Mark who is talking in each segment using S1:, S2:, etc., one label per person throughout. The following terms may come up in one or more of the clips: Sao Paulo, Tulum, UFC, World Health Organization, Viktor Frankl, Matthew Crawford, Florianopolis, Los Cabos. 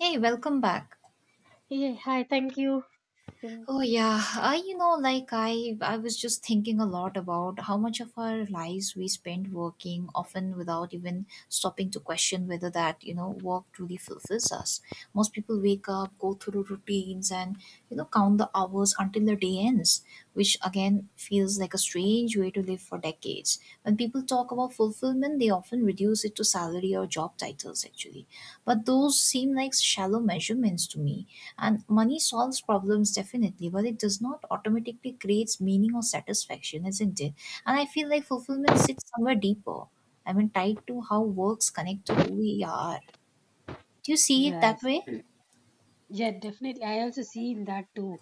S1: Hey, welcome back.
S2: Yeah, hi, thank you. Mm.
S1: Oh yeah, I you know like I was just thinking a lot about how much of our lives we spend working often without even stopping to question whether that work truly fulfills us. Most people wake up, go through routines and count the hours until the day ends, which again feels like a strange way to live for decades. When people talk about fulfillment, they often reduce it to salary or job titles actually. But those seem like shallow measurements to me. And money solves problems definitely, but it does not automatically creates meaning or satisfaction, isn't it? And I feel like fulfillment sits somewhere deeper. I mean, tied to how works connect to who we are. Do you see it that
S2: Yes,
S1: way?
S2: yeah, definitely. I also seen that too.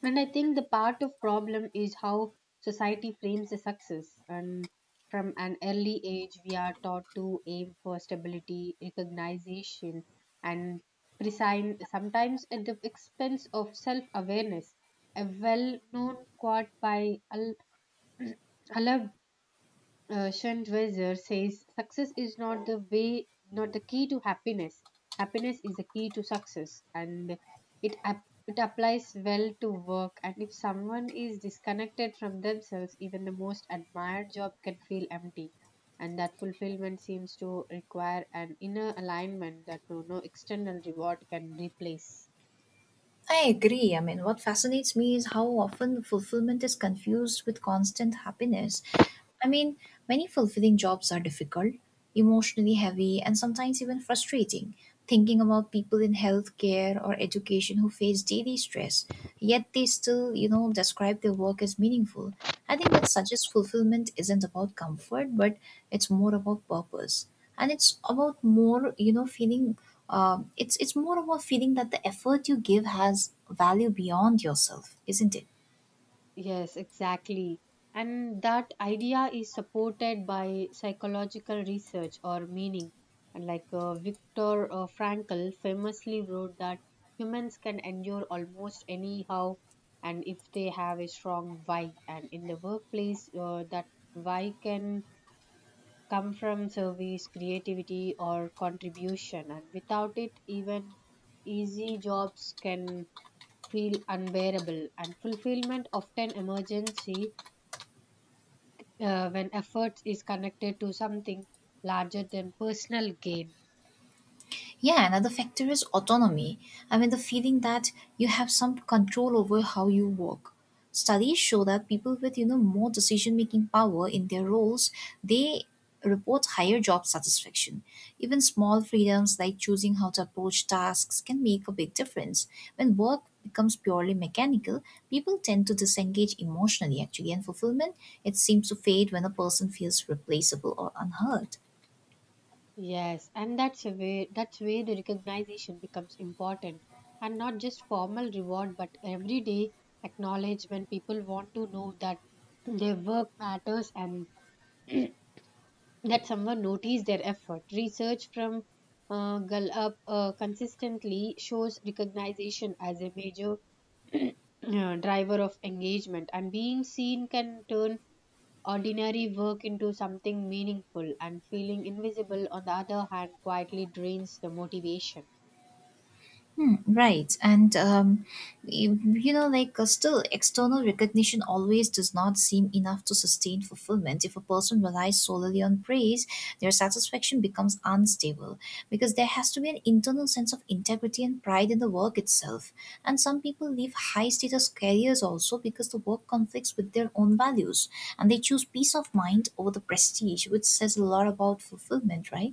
S2: And I think the part of problem is how society frames the success. And from an early age, we are taught to aim for stability, recognition, and presign, sometimes at the expense of self awareness. A well known quote by Al- Alab Schentweiser says success is not the way, not the key to happiness. Happiness is the key to success, and it applies well to work. And if someone is disconnected from themselves, even the most admired job can feel empty. And that fulfillment seems to require an inner alignment that no external reward can replace.
S1: I agree. I mean, what fascinates me is how often fulfillment is confused with constant happiness. I mean, many fulfilling jobs are difficult, emotionally heavy, and sometimes even frustrating. Thinking about people in healthcare or education who face daily stress, yet they still describe their work as meaningful. I think that suggests fulfillment isn't about comfort, but it's more about purpose. And it's about more, feeling it's more of a feeling that the effort you give has value beyond yourself, isn't it?
S2: Yes, exactly. And that idea is supported by psychological research or meaning. And like, Viktor Frankl famously wrote that humans can endure almost anyhow and if they have a strong why. And in the workplace, that why can come from service, creativity, or contribution. And without it, even easy jobs can feel unbearable. And fulfillment often emergency when effort is connected to something larger than personal gain.
S1: Yeah, another factor is autonomy. I mean, the feeling that you have some control over how you work. Studies show that people with more decision-making power in their roles, they report higher job satisfaction. Even small freedoms like choosing how to approach tasks can make a big difference. When work becomes purely mechanical, people tend to disengage emotionally actually, and fulfillment it seems to fade when a person feels replaceable or unheard.
S2: Yes, and that's a way that's where the recognition becomes important, and not just formal reward but everyday acknowledgement. People want to know that their work matters, and that someone noticed their effort. Research from Gallup consistently shows recognition as a major driver of engagement, and being seen can turn ordinary work into something meaningful, and feeling invisible, on the other hand, quietly drains the motivation.
S1: Hmm. right. And, you, you know, like, Still, external recognition always does not seem enough to sustain fulfillment. If a person relies solely on praise, their satisfaction becomes unstable because there has to be an internal sense of integrity and pride in the work itself. And some people leave high status careers also because the work conflicts with their own values and they choose peace of mind over the prestige, which says a lot about fulfillment, right?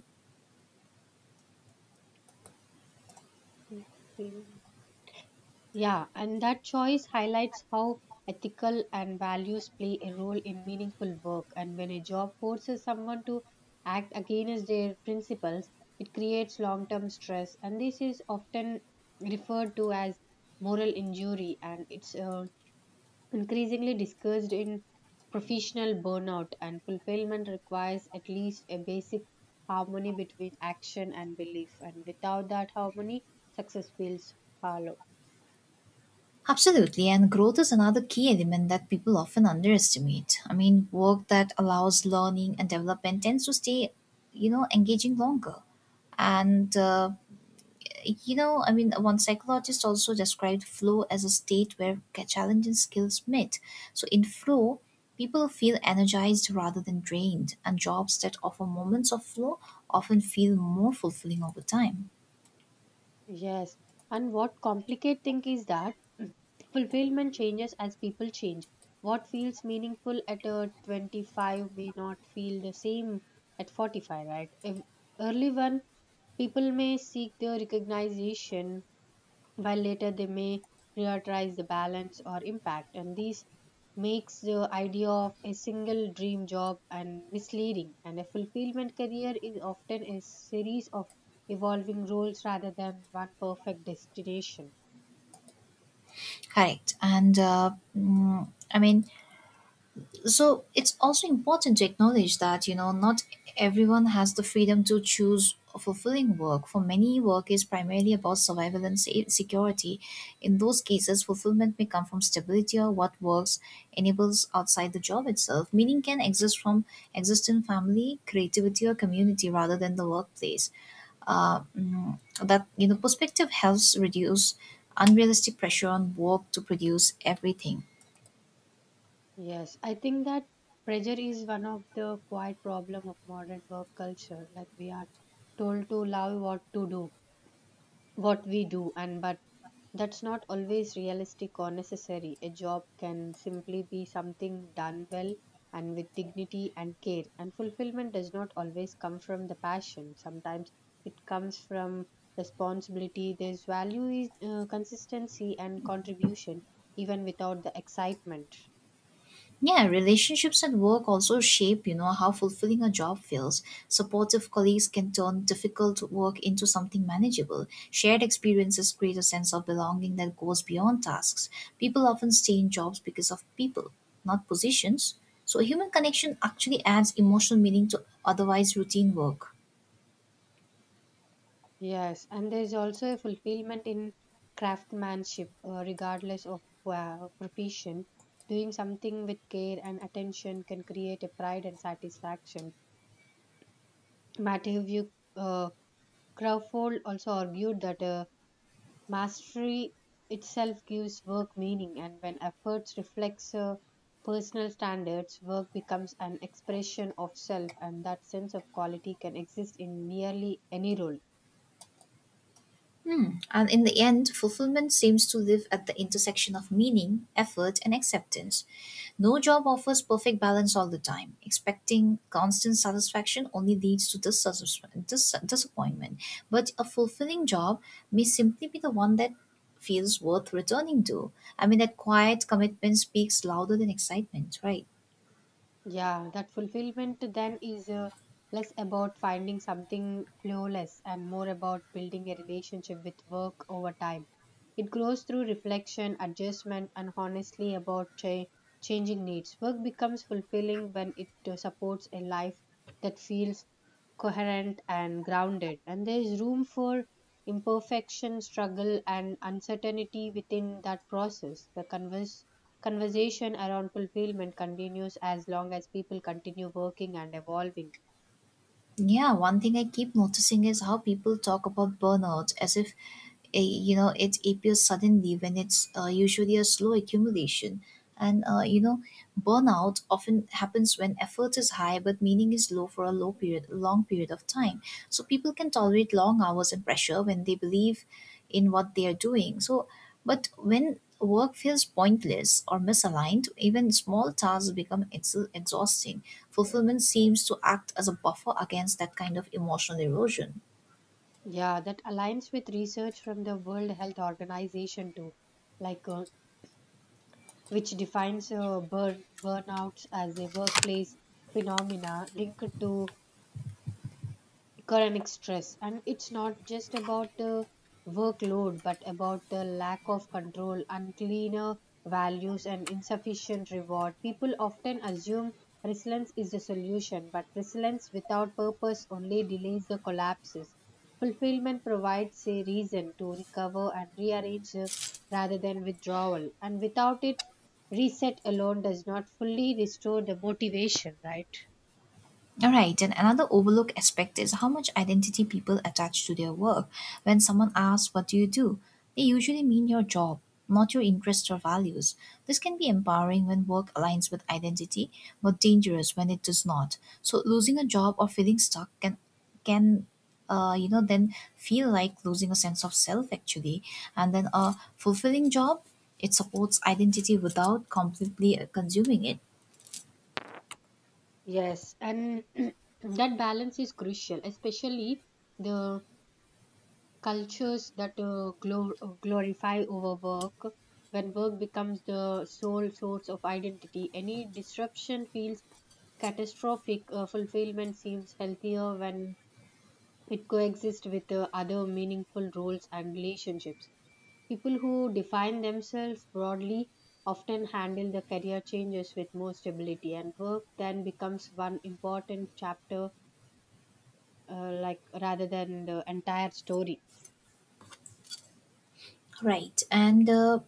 S2: Yeah, and that choice highlights how ethical and values play a role in meaningful work. And when a job forces someone to act against their principles, it creates long term stress. And this is often referred to as moral injury, and it's increasingly discussed in professional burnout, and fulfillment requires at least a basic harmony between action and belief, and without that harmony success feels hollow.
S1: Absolutely, and growth is another key element that people often underestimate. I mean, work that allows learning and development tends to stay engaging longer. And, you know, I mean, One psychologist also described flow as a state where challenge and skills meet. So, in flow, people feel energized rather than drained, and jobs that offer moments of flow often feel more fulfilling over time.
S2: Yes, and what complicate thing is that fulfillment changes as people change. What feels meaningful at a 25 may not feel the same at 45, right? If early one, people may seek the recognition, while later they may prioritize the balance or impact, and this makes the idea of a single dream job and misleading, and a fulfillment career is often a series of evolving roles rather than one perfect destination.
S1: Correct. And, mm, I mean, So it's also important to acknowledge that not everyone has the freedom to choose a fulfilling work. For many, work is primarily about survival and security. In those cases fulfillment may come from stability or what works enables outside the job itself meaning can exist from exist in family, creativity, or community rather than the workplace. That perspective helps reduce unrealistic pressure on work to produce everything.
S2: Yes, I think that pressure is one of the quiet problem of modern work culture. Like, we are told to love what we do, and but that's not always realistic or necessary. A job can simply be something done well and with dignity and care, and fulfillment does not always come from the passion. Sometimes it comes from responsibility. There's value is consistency and contribution even without the excitement.
S1: Yeah, relationships at work also shape how fulfilling a job feels. Supportive colleagues can turn difficult work into something manageable. Shared experiences create a sense of belonging that goes beyond tasks. People often stay in jobs because of people, not positions. So human connection actually adds emotional meaning to otherwise routine work.
S2: Yes, and there's also a fulfillment in craftsmanship, regardless of profession. Doing something with care and attention can create a pride and satisfaction. Matthew uh, Crawford also argued that mastery itself gives work meaning, and when efforts reflects personal standards, work becomes an expression of self, and that sense of quality can exist in nearly any role.
S1: Hmm. And in the end, fulfillment seems to live at the intersection of meaning, effort, and acceptance. No job offers perfect balance all the time. Expecting constant satisfaction only leads to disappointment. But a fulfilling job may simply be the one that feels worth returning to. I mean, that quiet commitment speaks louder than excitement, right?
S2: Yeah, that fulfillment then is less about finding something flawless and more about building a relationship with work over time. It grows through reflection, adjustment, and honestly about changing needs. Work becomes fulfilling when it supports a life that feels coherent and grounded, and there is room for imperfection, struggle, and uncertainty within that process. The converse conversation around fulfillment continues as long as people continue working and evolving.
S1: Yeah, one thing I keep noticing is how people talk about burnout as if it appears suddenly when it's usually a slow accumulation. And uh, you know, Burnout often happens when effort is high but meaning is low for a long period of time. So people can tolerate long hours and pressure when they believe in what they are doing. But when work feels pointless or misaligned, even small tasks become exhausting. Fulfillment seems to act as a buffer against that kind of emotional erosion.
S2: Yeah, that aligns with research from the World Health Organization too, like, which defines burnouts as a workplace phenomena linked to economic stress, and it's not just about the workload, but about the lack of control, uncleaner values, and insufficient reward. People often assume resilience is the solution, but resilience without purpose only delays the collapses. Fulfillment provides a reason to recover and rearrange, rather than withdrawal, and without it, reset alone does not fully restore the motivation, right?
S1: All right, and another overlooked aspect is how much identity people attach to their work. When someone asks, "What do you do?" they usually mean your job, not your interests or values. This can be empowering when work aligns with identity, but dangerous when it does not. So, losing a job or feeling stuck can then feel like losing a sense of self actually. And then a fulfilling job, it supports identity without completely consuming it.
S2: Yes, and that balance is crucial, especially the cultures that glorify overwork. When work becomes the sole source of identity, any disruption feels catastrophic. Fulfillment seems healthier when it coexists with other meaningful roles and relationships. People who define themselves broadly often handle the career changes with more stability, and work then becomes one important chapter, like, rather than the entire story.
S1: Right. And, uh,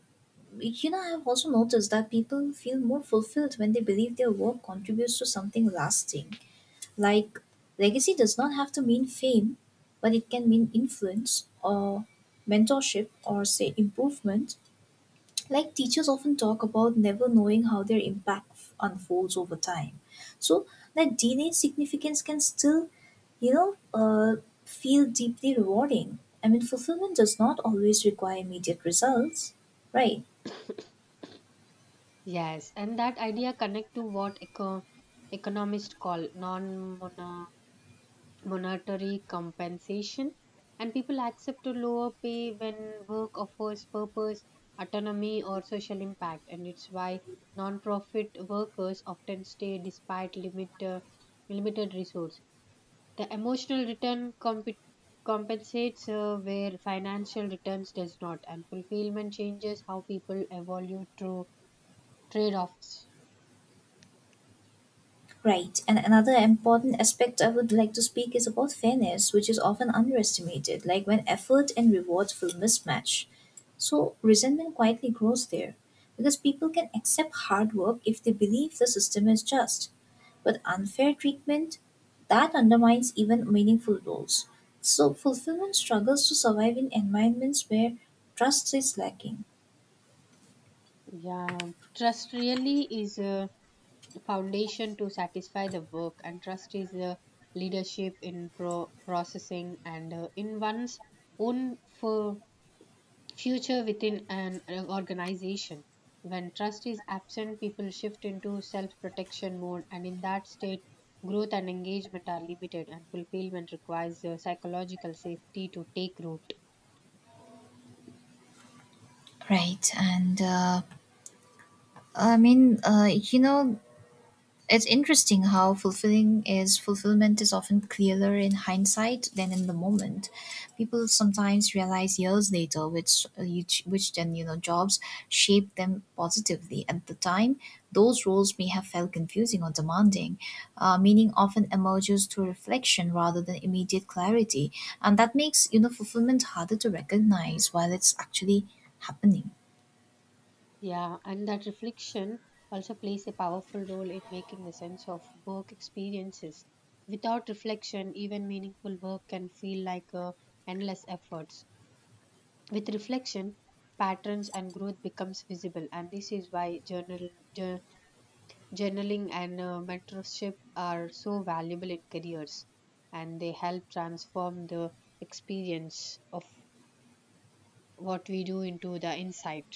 S1: you know, I've also noticed that people feel more fulfilled when they believe their work contributes to something lasting. Like, Legacy does not have to mean fame, but it can mean influence or mentorship or, say, improvement, like teachers often talk about never knowing how their impact unfolds over time. So that DNA significance can still, you know, uh, feel deeply rewarding. I mean, fulfillment does not always require immediate results. Right,
S2: Yes, and that idea connect to what economists call non monetary compensation, and people accept a lower pay when work offers purpose, autonomy, or social impact, and it's why non-profit workers often stay despite limited resources. The emotional return compensates where financial returns does not, and fulfillment changes how people evaluate through trade-offs.
S1: right. And another important aspect I would like to speak is about fairness, which is often underestimated, like when effort and rewards feel mismatch. So resentment quietly grows there because people can accept hard work if they believe the system is just. But unfair treatment, that undermines even meaningful roles. So, fulfillment struggles to survive in environments where trust is lacking.
S2: Yeah, trust really is a foundation to satisfy the work, and trust is the leadership in processing and in one's own for future within an organization. When trust is absent, people shift into self protection mode, and in that state, growth and engagement are limited, and fulfillment requires psychological safety to take root.
S1: Right. And I mean, you know, It's interesting how fulfilling is fulfillment is often clearer in hindsight than in the moment. People sometimes realize years later which then jobs shaped them positively. At the time, those roles may have felt confusing or demanding. Meaning often emerges through reflection rather than immediate clarity, and that makes fulfillment harder to recognize while it's actually happening.
S2: Yeah, and that reflection also plays a powerful role in making the sense of work experiences. Without reflection, even meaningful work can feel like endless efforts. With reflection, patterns and growth becomes visible, and this is why jour- journaling and mentorship are so valuable in careers, and they help transform the experience of what we do into the insight.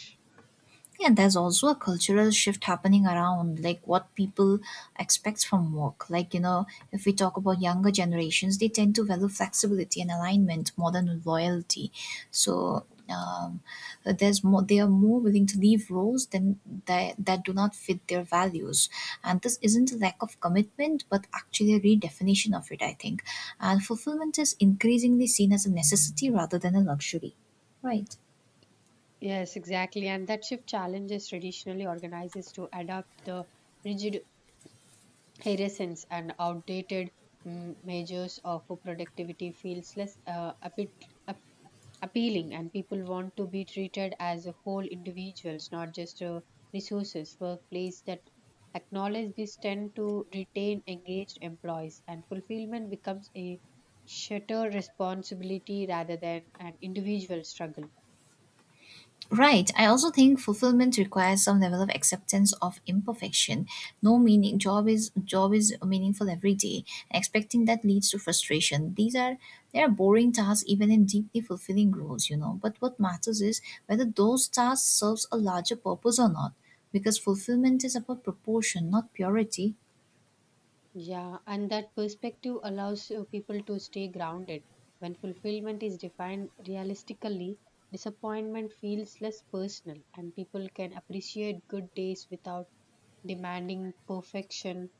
S1: Yeah, there's also a cultural shift happening around like what people expect from work, like if we talk about younger generations, they tend to value flexibility and alignment more than loyalty. So there's more they are more willing to leave roles that do not fit their values, and this isn't a lack of commitment but actually a redefinition of it, I think. And fulfillment is increasingly seen as a necessity rather than a luxury, right?
S2: Yes, exactly. And that shift challenges traditionally organizers to adapt the rigid hierarchies and outdated measures of productivity feels less appealing, and people want to be treated as a whole individuals, not just resources. Workplace that acknowledge this tend to retain engaged employees, and fulfillment becomes a shared responsibility rather than an individual struggle.
S1: Right. I also think fulfillment requires some level of acceptance of imperfection. No meaning job is meaningful every day. Expecting that leads to frustration. These are They are boring tasks even in deeply fulfilling roles, you know. But what matters is whether those tasks serves a larger purpose or not. Because fulfillment is about proportion, not purity.
S2: Yeah, and that perspective allows people to stay grounded. When fulfillment is defined realistically, disappointment feels less personal, and people can appreciate good days without demanding perfection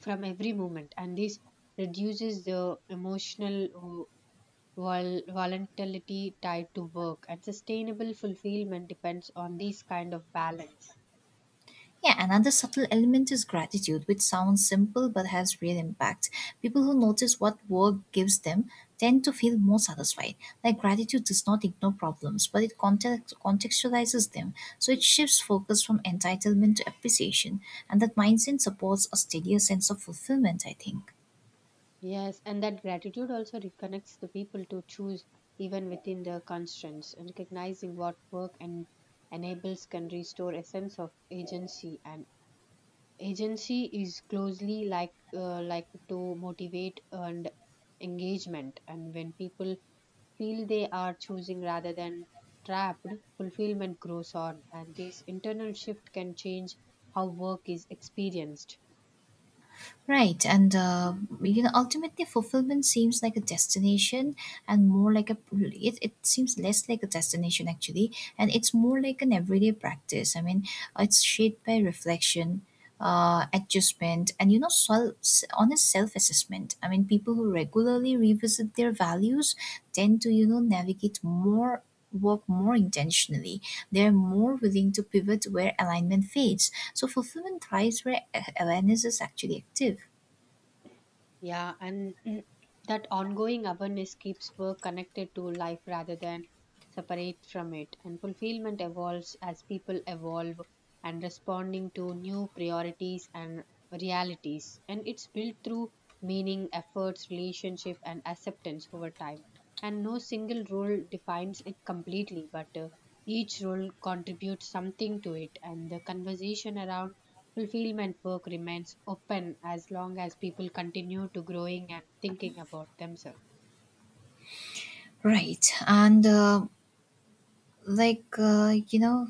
S2: from every moment. And this reduces the emotional volatility tied to work, and sustainable fulfillment depends on this kind of balance.
S1: Yeah, another subtle element is gratitude, which sounds simple but has real impact. People who notice what work gives them tend to feel more satisfied. Like gratitude does not ignore problems, but it contextualizes them. So it shifts focus from entitlement to appreciation, and that mindset supports a steadier sense of fulfillment, I think.
S2: Yes, and that gratitude also reconnects the people to choose even within their constraints, and recognizing what work and enables can restore a sense of agency. And agency is closely like to motivate and engagement. And when people feel they are choosing rather than trapped, fulfillment grows on, and this internal shift can change how work is experienced.
S1: Right, and uh, Ultimately, fulfillment seems like a destination, and more like a it seems less like a destination actually, and it's more like an everyday practice. I mean, it's shaped by reflection, adjustment, and honest self-assessment. I mean, people who regularly revisit their values tend to navigate more work more intentionally. They're more willing to pivot where alignment fades, so fulfillment thrives where awareness is actually active.
S2: Yeah, and that ongoing awareness keeps work connected to life rather than separate from it. And fulfillment evolves as people evolve and responding to new priorities and realities. And it's built through meaning, efforts, relationship, and acceptance over time. And no single rule defines it completely, but each role contributes something to it, and the conversation around fulfillment work remains open as long as people continue to growing and thinking about themselves.
S1: Right. And like, you know,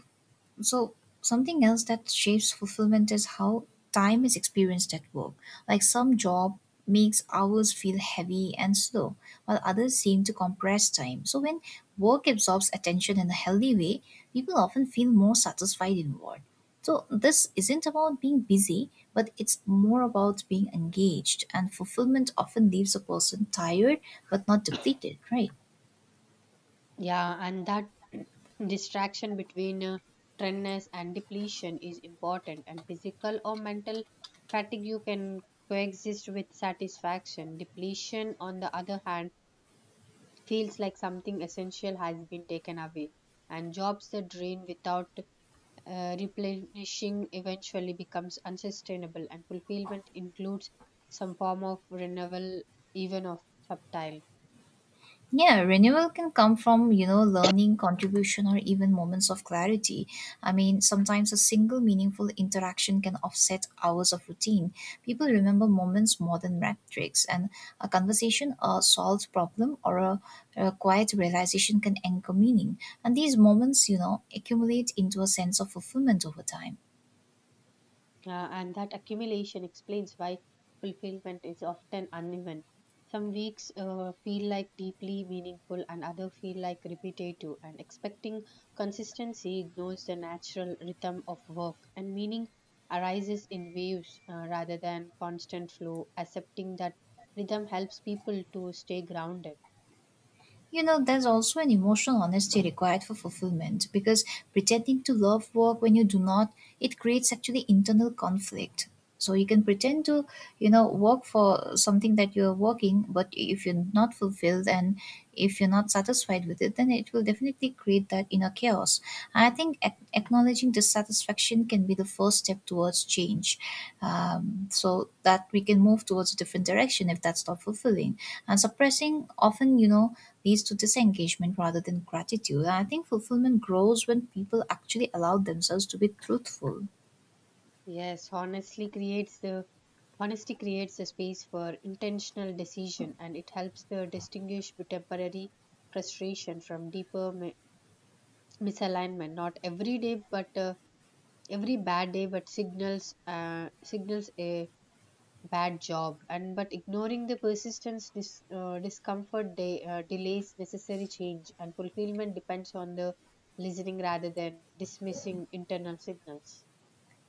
S1: so Something else that shapes fulfillment is how time is experienced at work, like some job makes hours feel heavy and slow while others seem to compress time. So when work absorbs attention in a healthy way, people often feel more satisfied in work. So this isn't about being busy, but it's more about being engaged, and fulfillment often leaves a person tired but not depleted, right?
S2: Yeah, and that distraction between trendness and depletion is important, and physical or mental fatigue you can coexist with satisfaction. Depletion, on the other hand, feels like something essential has been taken away, and jobs that drain without replenishing eventually becomes unsustainable, and fulfillment includes some form of renewal, even of subtle.
S1: Yeah, renewal can come from, learning, contribution, or even moments of clarity. I mean, sometimes a single meaningful interaction can offset hours of routine. People remember moments more than metrics, and a conversation, a solved problem, or a quiet realization can anchor meaning. And these moments, accumulate into a sense of fulfillment over time.
S2: And that accumulation explains why fulfillment is often uneven. Some weeks feel like deeply meaningful, and other feel like repetitive. And expecting consistency ignores the natural rhythm of work, and meaning arises in waves, rather than constant flow. Accepting that rhythm helps people to stay grounded.
S1: You know, there's also an emotional honesty required for fulfillment because pretending to love work when you do not, it creates actually internal conflict. So you can pretend to, work for something that you're working, but if you're not fulfilled and if you're not satisfied with it, then it will definitely create that inner chaos. And I think acknowledging dissatisfaction can be the first step towards change so that we can move towards a different direction if that's not fulfilling. And suppressing often, you know, leads to disengagement rather than gratitude. And I think fulfillment grows when people actually allow themselves to be truthful.
S2: Yes, honestly creates the honesty creates a space for intentional decision, and it helps to distinguish temporary frustration from deeper misalignment. Not every day, but every bad day, but signals a bad job. And but ignoring the persistence discomfort delays necessary change, and fulfillment depends on the listening rather than dismissing internal signals.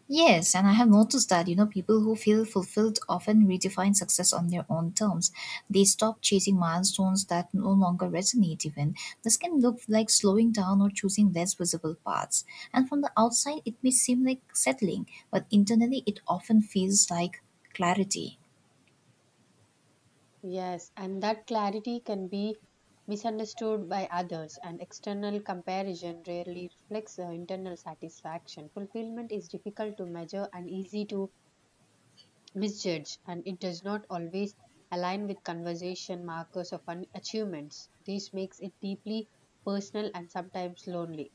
S1: Yes, and I have noticed that, you know, people who feel fulfilled often redefine success on their own terms. They stop chasing milestones that no longer resonate even. This can look like slowing down or choosing less visible paths. And from the outside, it may seem like settling, but internally, it often feels like clarity.
S2: Yes, and that clarity can be misunderstood by others, and external comparison rarely reflects the internal satisfaction. Fulfillment is difficult to measure and easy to misjudge, and it does not always align with conversation markers of achievements. This makes it deeply personal and sometimes lonely.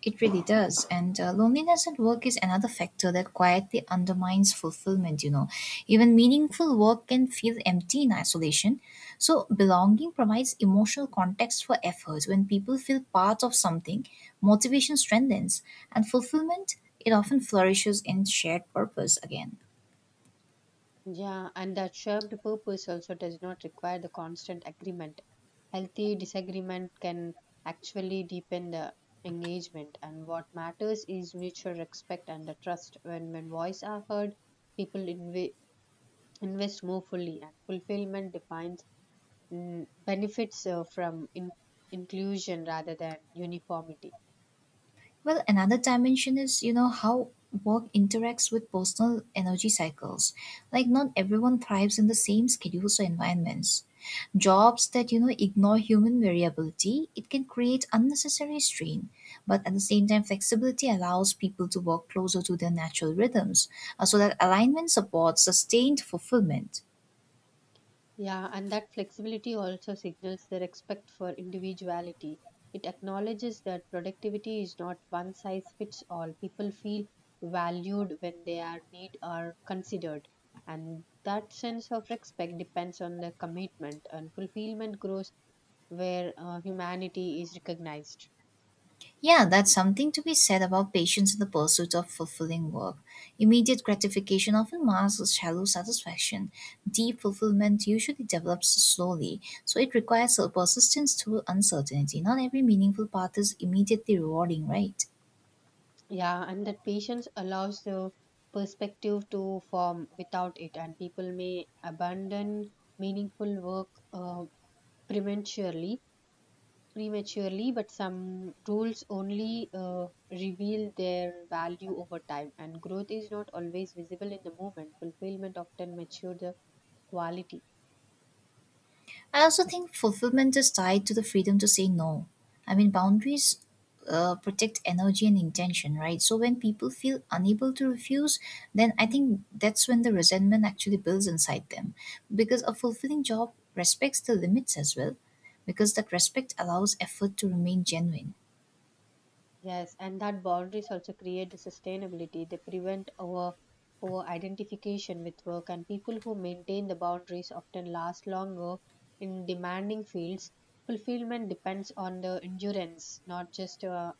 S1: It really does. And loneliness at work is another factor that quietly undermines fulfillment, you know. Even meaningful work can feel empty in isolation. So, belonging provides emotional context for effort. When people feel part of something, motivation strengthens, and fulfillment, it often flourishes in shared purpose again.
S2: Yeah, and that shared purpose also does not require the constant agreement. Healthy disagreement can actually deepen the engagement, and what matters is mutual respect and the trust. When voice are heard, people invest more fully, and fulfillment defines benefits from inclusion rather than uniformity.
S1: Well, another dimension is, you know, how work interacts with personal energy cycles. Like, not everyone thrives in the same schedules or environments. Jobs that, you know, ignore human variability, it can create unnecessary strain. But at the same time, flexibility allows people to work closer to their natural rhythms, so that alignment supports sustained fulfillment.
S2: Yeah, and that flexibility also signals the respect for individuality. It acknowledges that productivity is not one size fits all. People feel valued when their need are considered. And that sense of respect depends on the commitment, and fulfillment grows where humanity is recognized.
S1: Yeah, that's something to be said about patience in the pursuit of fulfilling work. Immediate gratification often masks shallow satisfaction. Deep fulfillment usually develops slowly, so it requires a persistence through uncertainty. Not every meaningful path is immediately rewarding, right?
S2: Yeah, and that patience allows the perspective to form without it, and people may abandon meaningful work prematurely prematurely, but some rules only reveal their value over time, and growth is not always visible in the moment. Fulfillment often matures the quality.
S1: I also think fulfillment is tied to the freedom to say no. I mean, boundaries protect energy and intention, right? So when people feel unable to refuse, then I think that's when the resentment actually builds inside them. Because a fulfilling job respects the limits as well, because that respect allows effort to remain genuine.
S2: Yes, and that boundaries also create the sustainability. They prevent our identification with work, and people who maintain the boundaries often last longer in demanding fields. Fulfillment depends on the endurance, not just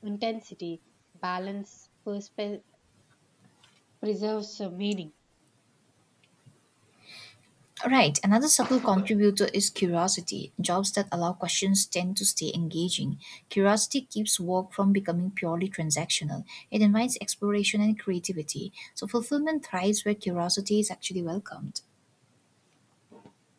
S2: intensity. Balance preserves meaning.
S1: Right. Another subtle contributor is curiosity. Jobs that allow questions tend to stay engaging. Curiosity keeps work from becoming purely transactional. It invites exploration and creativity. So fulfillment thrives where curiosity is actually welcomed.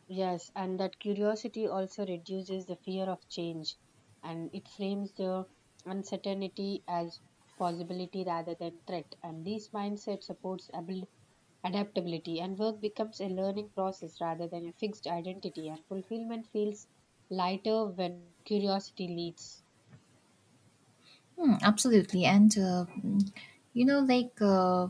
S2: Yes, and that curiosity also reduces the fear of change, and it frames the uncertainty as possibility rather than threat. And this mindset supports adaptability, and work becomes a learning process rather than a fixed identity. And fulfillment feels lighter when curiosity leads.
S1: Hmm, absolutely. And, you know,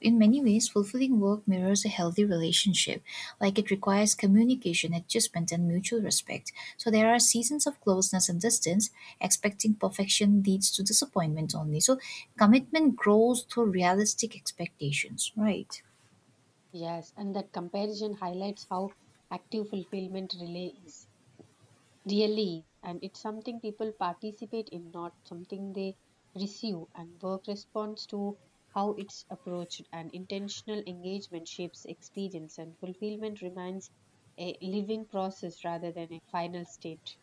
S1: in many ways, fulfilling work mirrors a healthy relationship. Like, it requires communication, adjustment, and mutual respect. So, there are seasons of closeness and distance. Expecting perfection leads to disappointment only. So, commitment grows through realistic expectations, right?
S2: Yes, and that comparison highlights how active fulfillment relay is. Really, and it's something people participate in, not something they receive, and work responds to how it's approached, and intentional engagement shapes experience, and fulfillment remains a living process rather than a final state.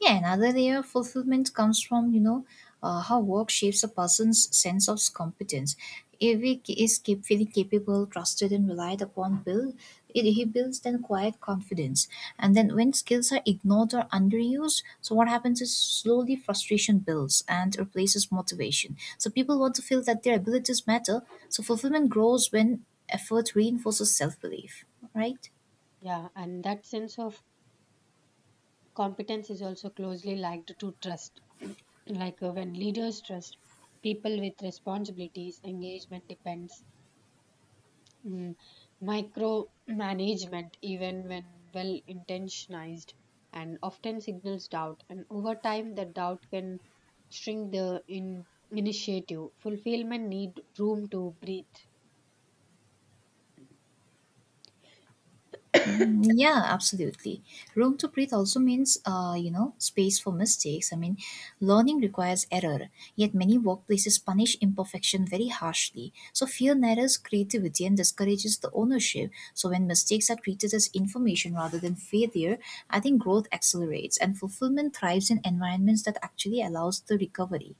S1: Yeah, another layer of fulfillment comes from, you know, how work shapes a person's sense of competence. If he k- is keep feeling capable, trusted, and relied upon, he builds then quiet confidence. And then when skills are ignored or underused, so what happens is slowly frustration builds and replaces motivation. So people want to feel that their abilities matter. So fulfillment grows when effort reinforces self belief. Right?
S2: Yeah, and that sense of competence is also closely linked to trust. Like, when leaders trust people with responsibilities, engagement depends. mm, Micromanagement, even when well intentioned, and often signals doubt. And over time, that doubt can shrink the initiative. Fulfillment need room to breathe.
S1: Yeah, absolutely. Room to breathe also means, you know, space for mistakes. I mean, learning requires error, yet many workplaces punish imperfection very harshly. So fear narrows creativity and discourages the ownership. So when mistakes are treated as information rather than failure, I think growth accelerates and fulfillment thrives in environments that actually allows the recovery.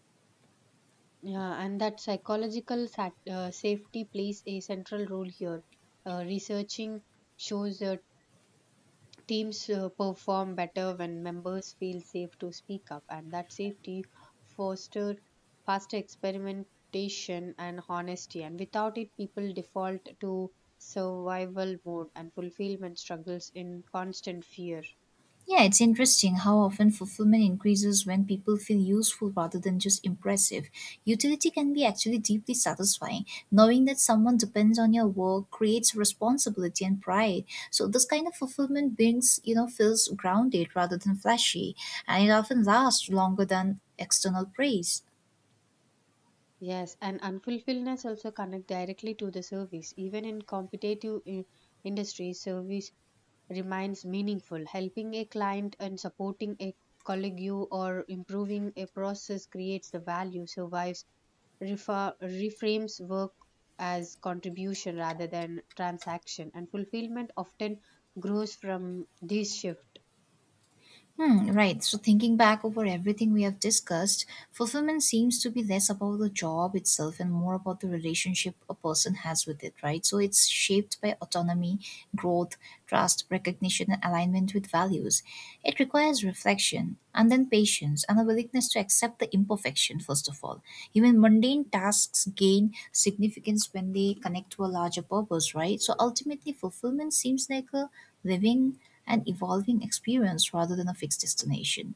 S2: Yeah, and that psychological safety plays a central role here. Researching shows that teams perform better when members feel safe to speak up, and that safety foster faster experimentation and honesty. And without it, people default to survival mode, and fulfillment struggles in constant fear.
S1: Yeah, it's interesting how often fulfillment increases when people feel useful rather than just impressive. Utility can be actually deeply satisfying. Knowing that someone depends on your work creates responsibility and pride. So this kind of fulfillment brings, you know, feels grounded rather than flashy, and it often lasts longer than external praise.
S2: Yes, and unfulfilledness also connect directly to the service. Even in competitive industries, service remains meaningful. Helping a client and supporting a colleague or improving a process creates the value, survives, reframes work as contribution rather than transaction. And fulfillment often grows from this shift.
S1: Hmm, right. So, thinking back over everything we have discussed, fulfillment seems to be less about the job itself and more about the relationship a person has with it, right? So, it's shaped by autonomy, growth, trust, recognition, and alignment with values. It requires reflection and then patience and a willingness to accept the imperfection, first of all. Even mundane tasks gain significance when they connect to a larger purpose, right? So, ultimately, fulfillment seems like a living an evolving experience rather than a fixed destination.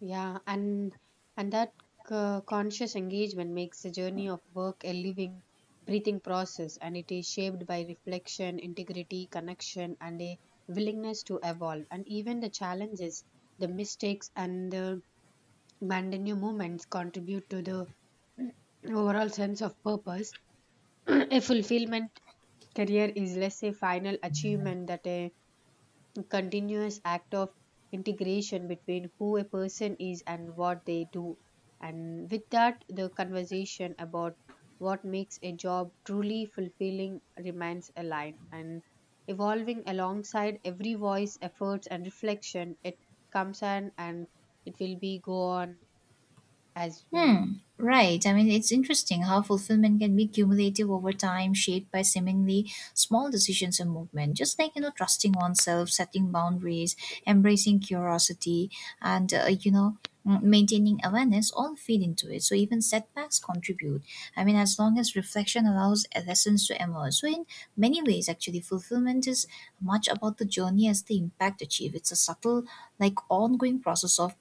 S2: Yeah, and that conscious engagement makes the journey of work a living, breathing process, and it is shaped by reflection, integrity, connection, and a willingness to evolve. And even the challenges, the mistakes, and the mundane moments contribute to the overall sense of purpose. A fulfillment career is less a final achievement that a continuous act of integration between who a person is and what they do. And with that, the conversation about what makes a job truly fulfilling remains alive and evolving alongside every voice, efforts, and reflection. It comes on, and it will be go on as we.
S1: Hmm. Right. I mean, it's interesting how fulfillment can be cumulative over time, shaped by seemingly small decisions and movement. Just like, you know, trusting oneself, setting boundaries, embracing curiosity, and, you know, maintaining awareness all feed into it. So even setbacks contribute. I mean, as long as reflection allows lessons to emerge. So, in many ways, actually, fulfillment is much about the journey as the impact achieved. It's a subtle, like, ongoing process of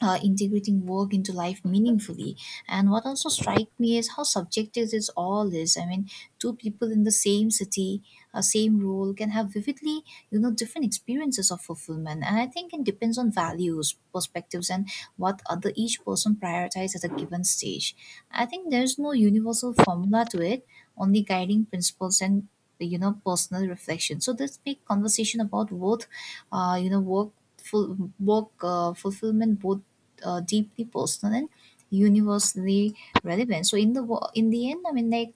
S1: integrating work into life meaningfully. And what also strikes me is how subjective this all is. I mean, two people in the same city, a same role, can have vividly, you know, different experiences of fulfillment. And I think it depends on values, perspectives, and what other each person prioritizes at a given stage. I think there's no universal formula to it, only guiding principles and, you know, personal reflection. So this big conversation about both, you know, work full work fulfillment, both deeply personal and universally relevant. So in the in the end, I mean, like,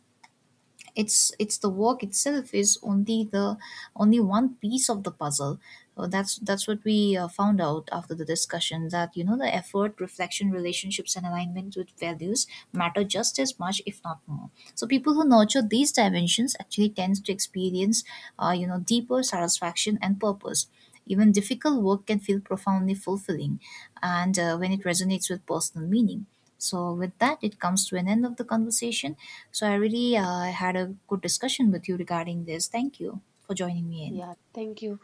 S1: it's the work itself is only the only one piece of the puzzle. So that's what we found out after the discussion, that, you know, the effort, reflection, relationships, and alignment with values matter just as much, if not more. So people who nurture these dimensions actually tends to experience, you know, deeper satisfaction and purpose. Even difficult work can feel profoundly fulfilling and when it resonates with personal meaning. So, with that, it comes to an end of the conversation. So, I really had a good discussion with you regarding this. Thank you for joining me
S2: Yeah,
S1: in.
S2: thank you.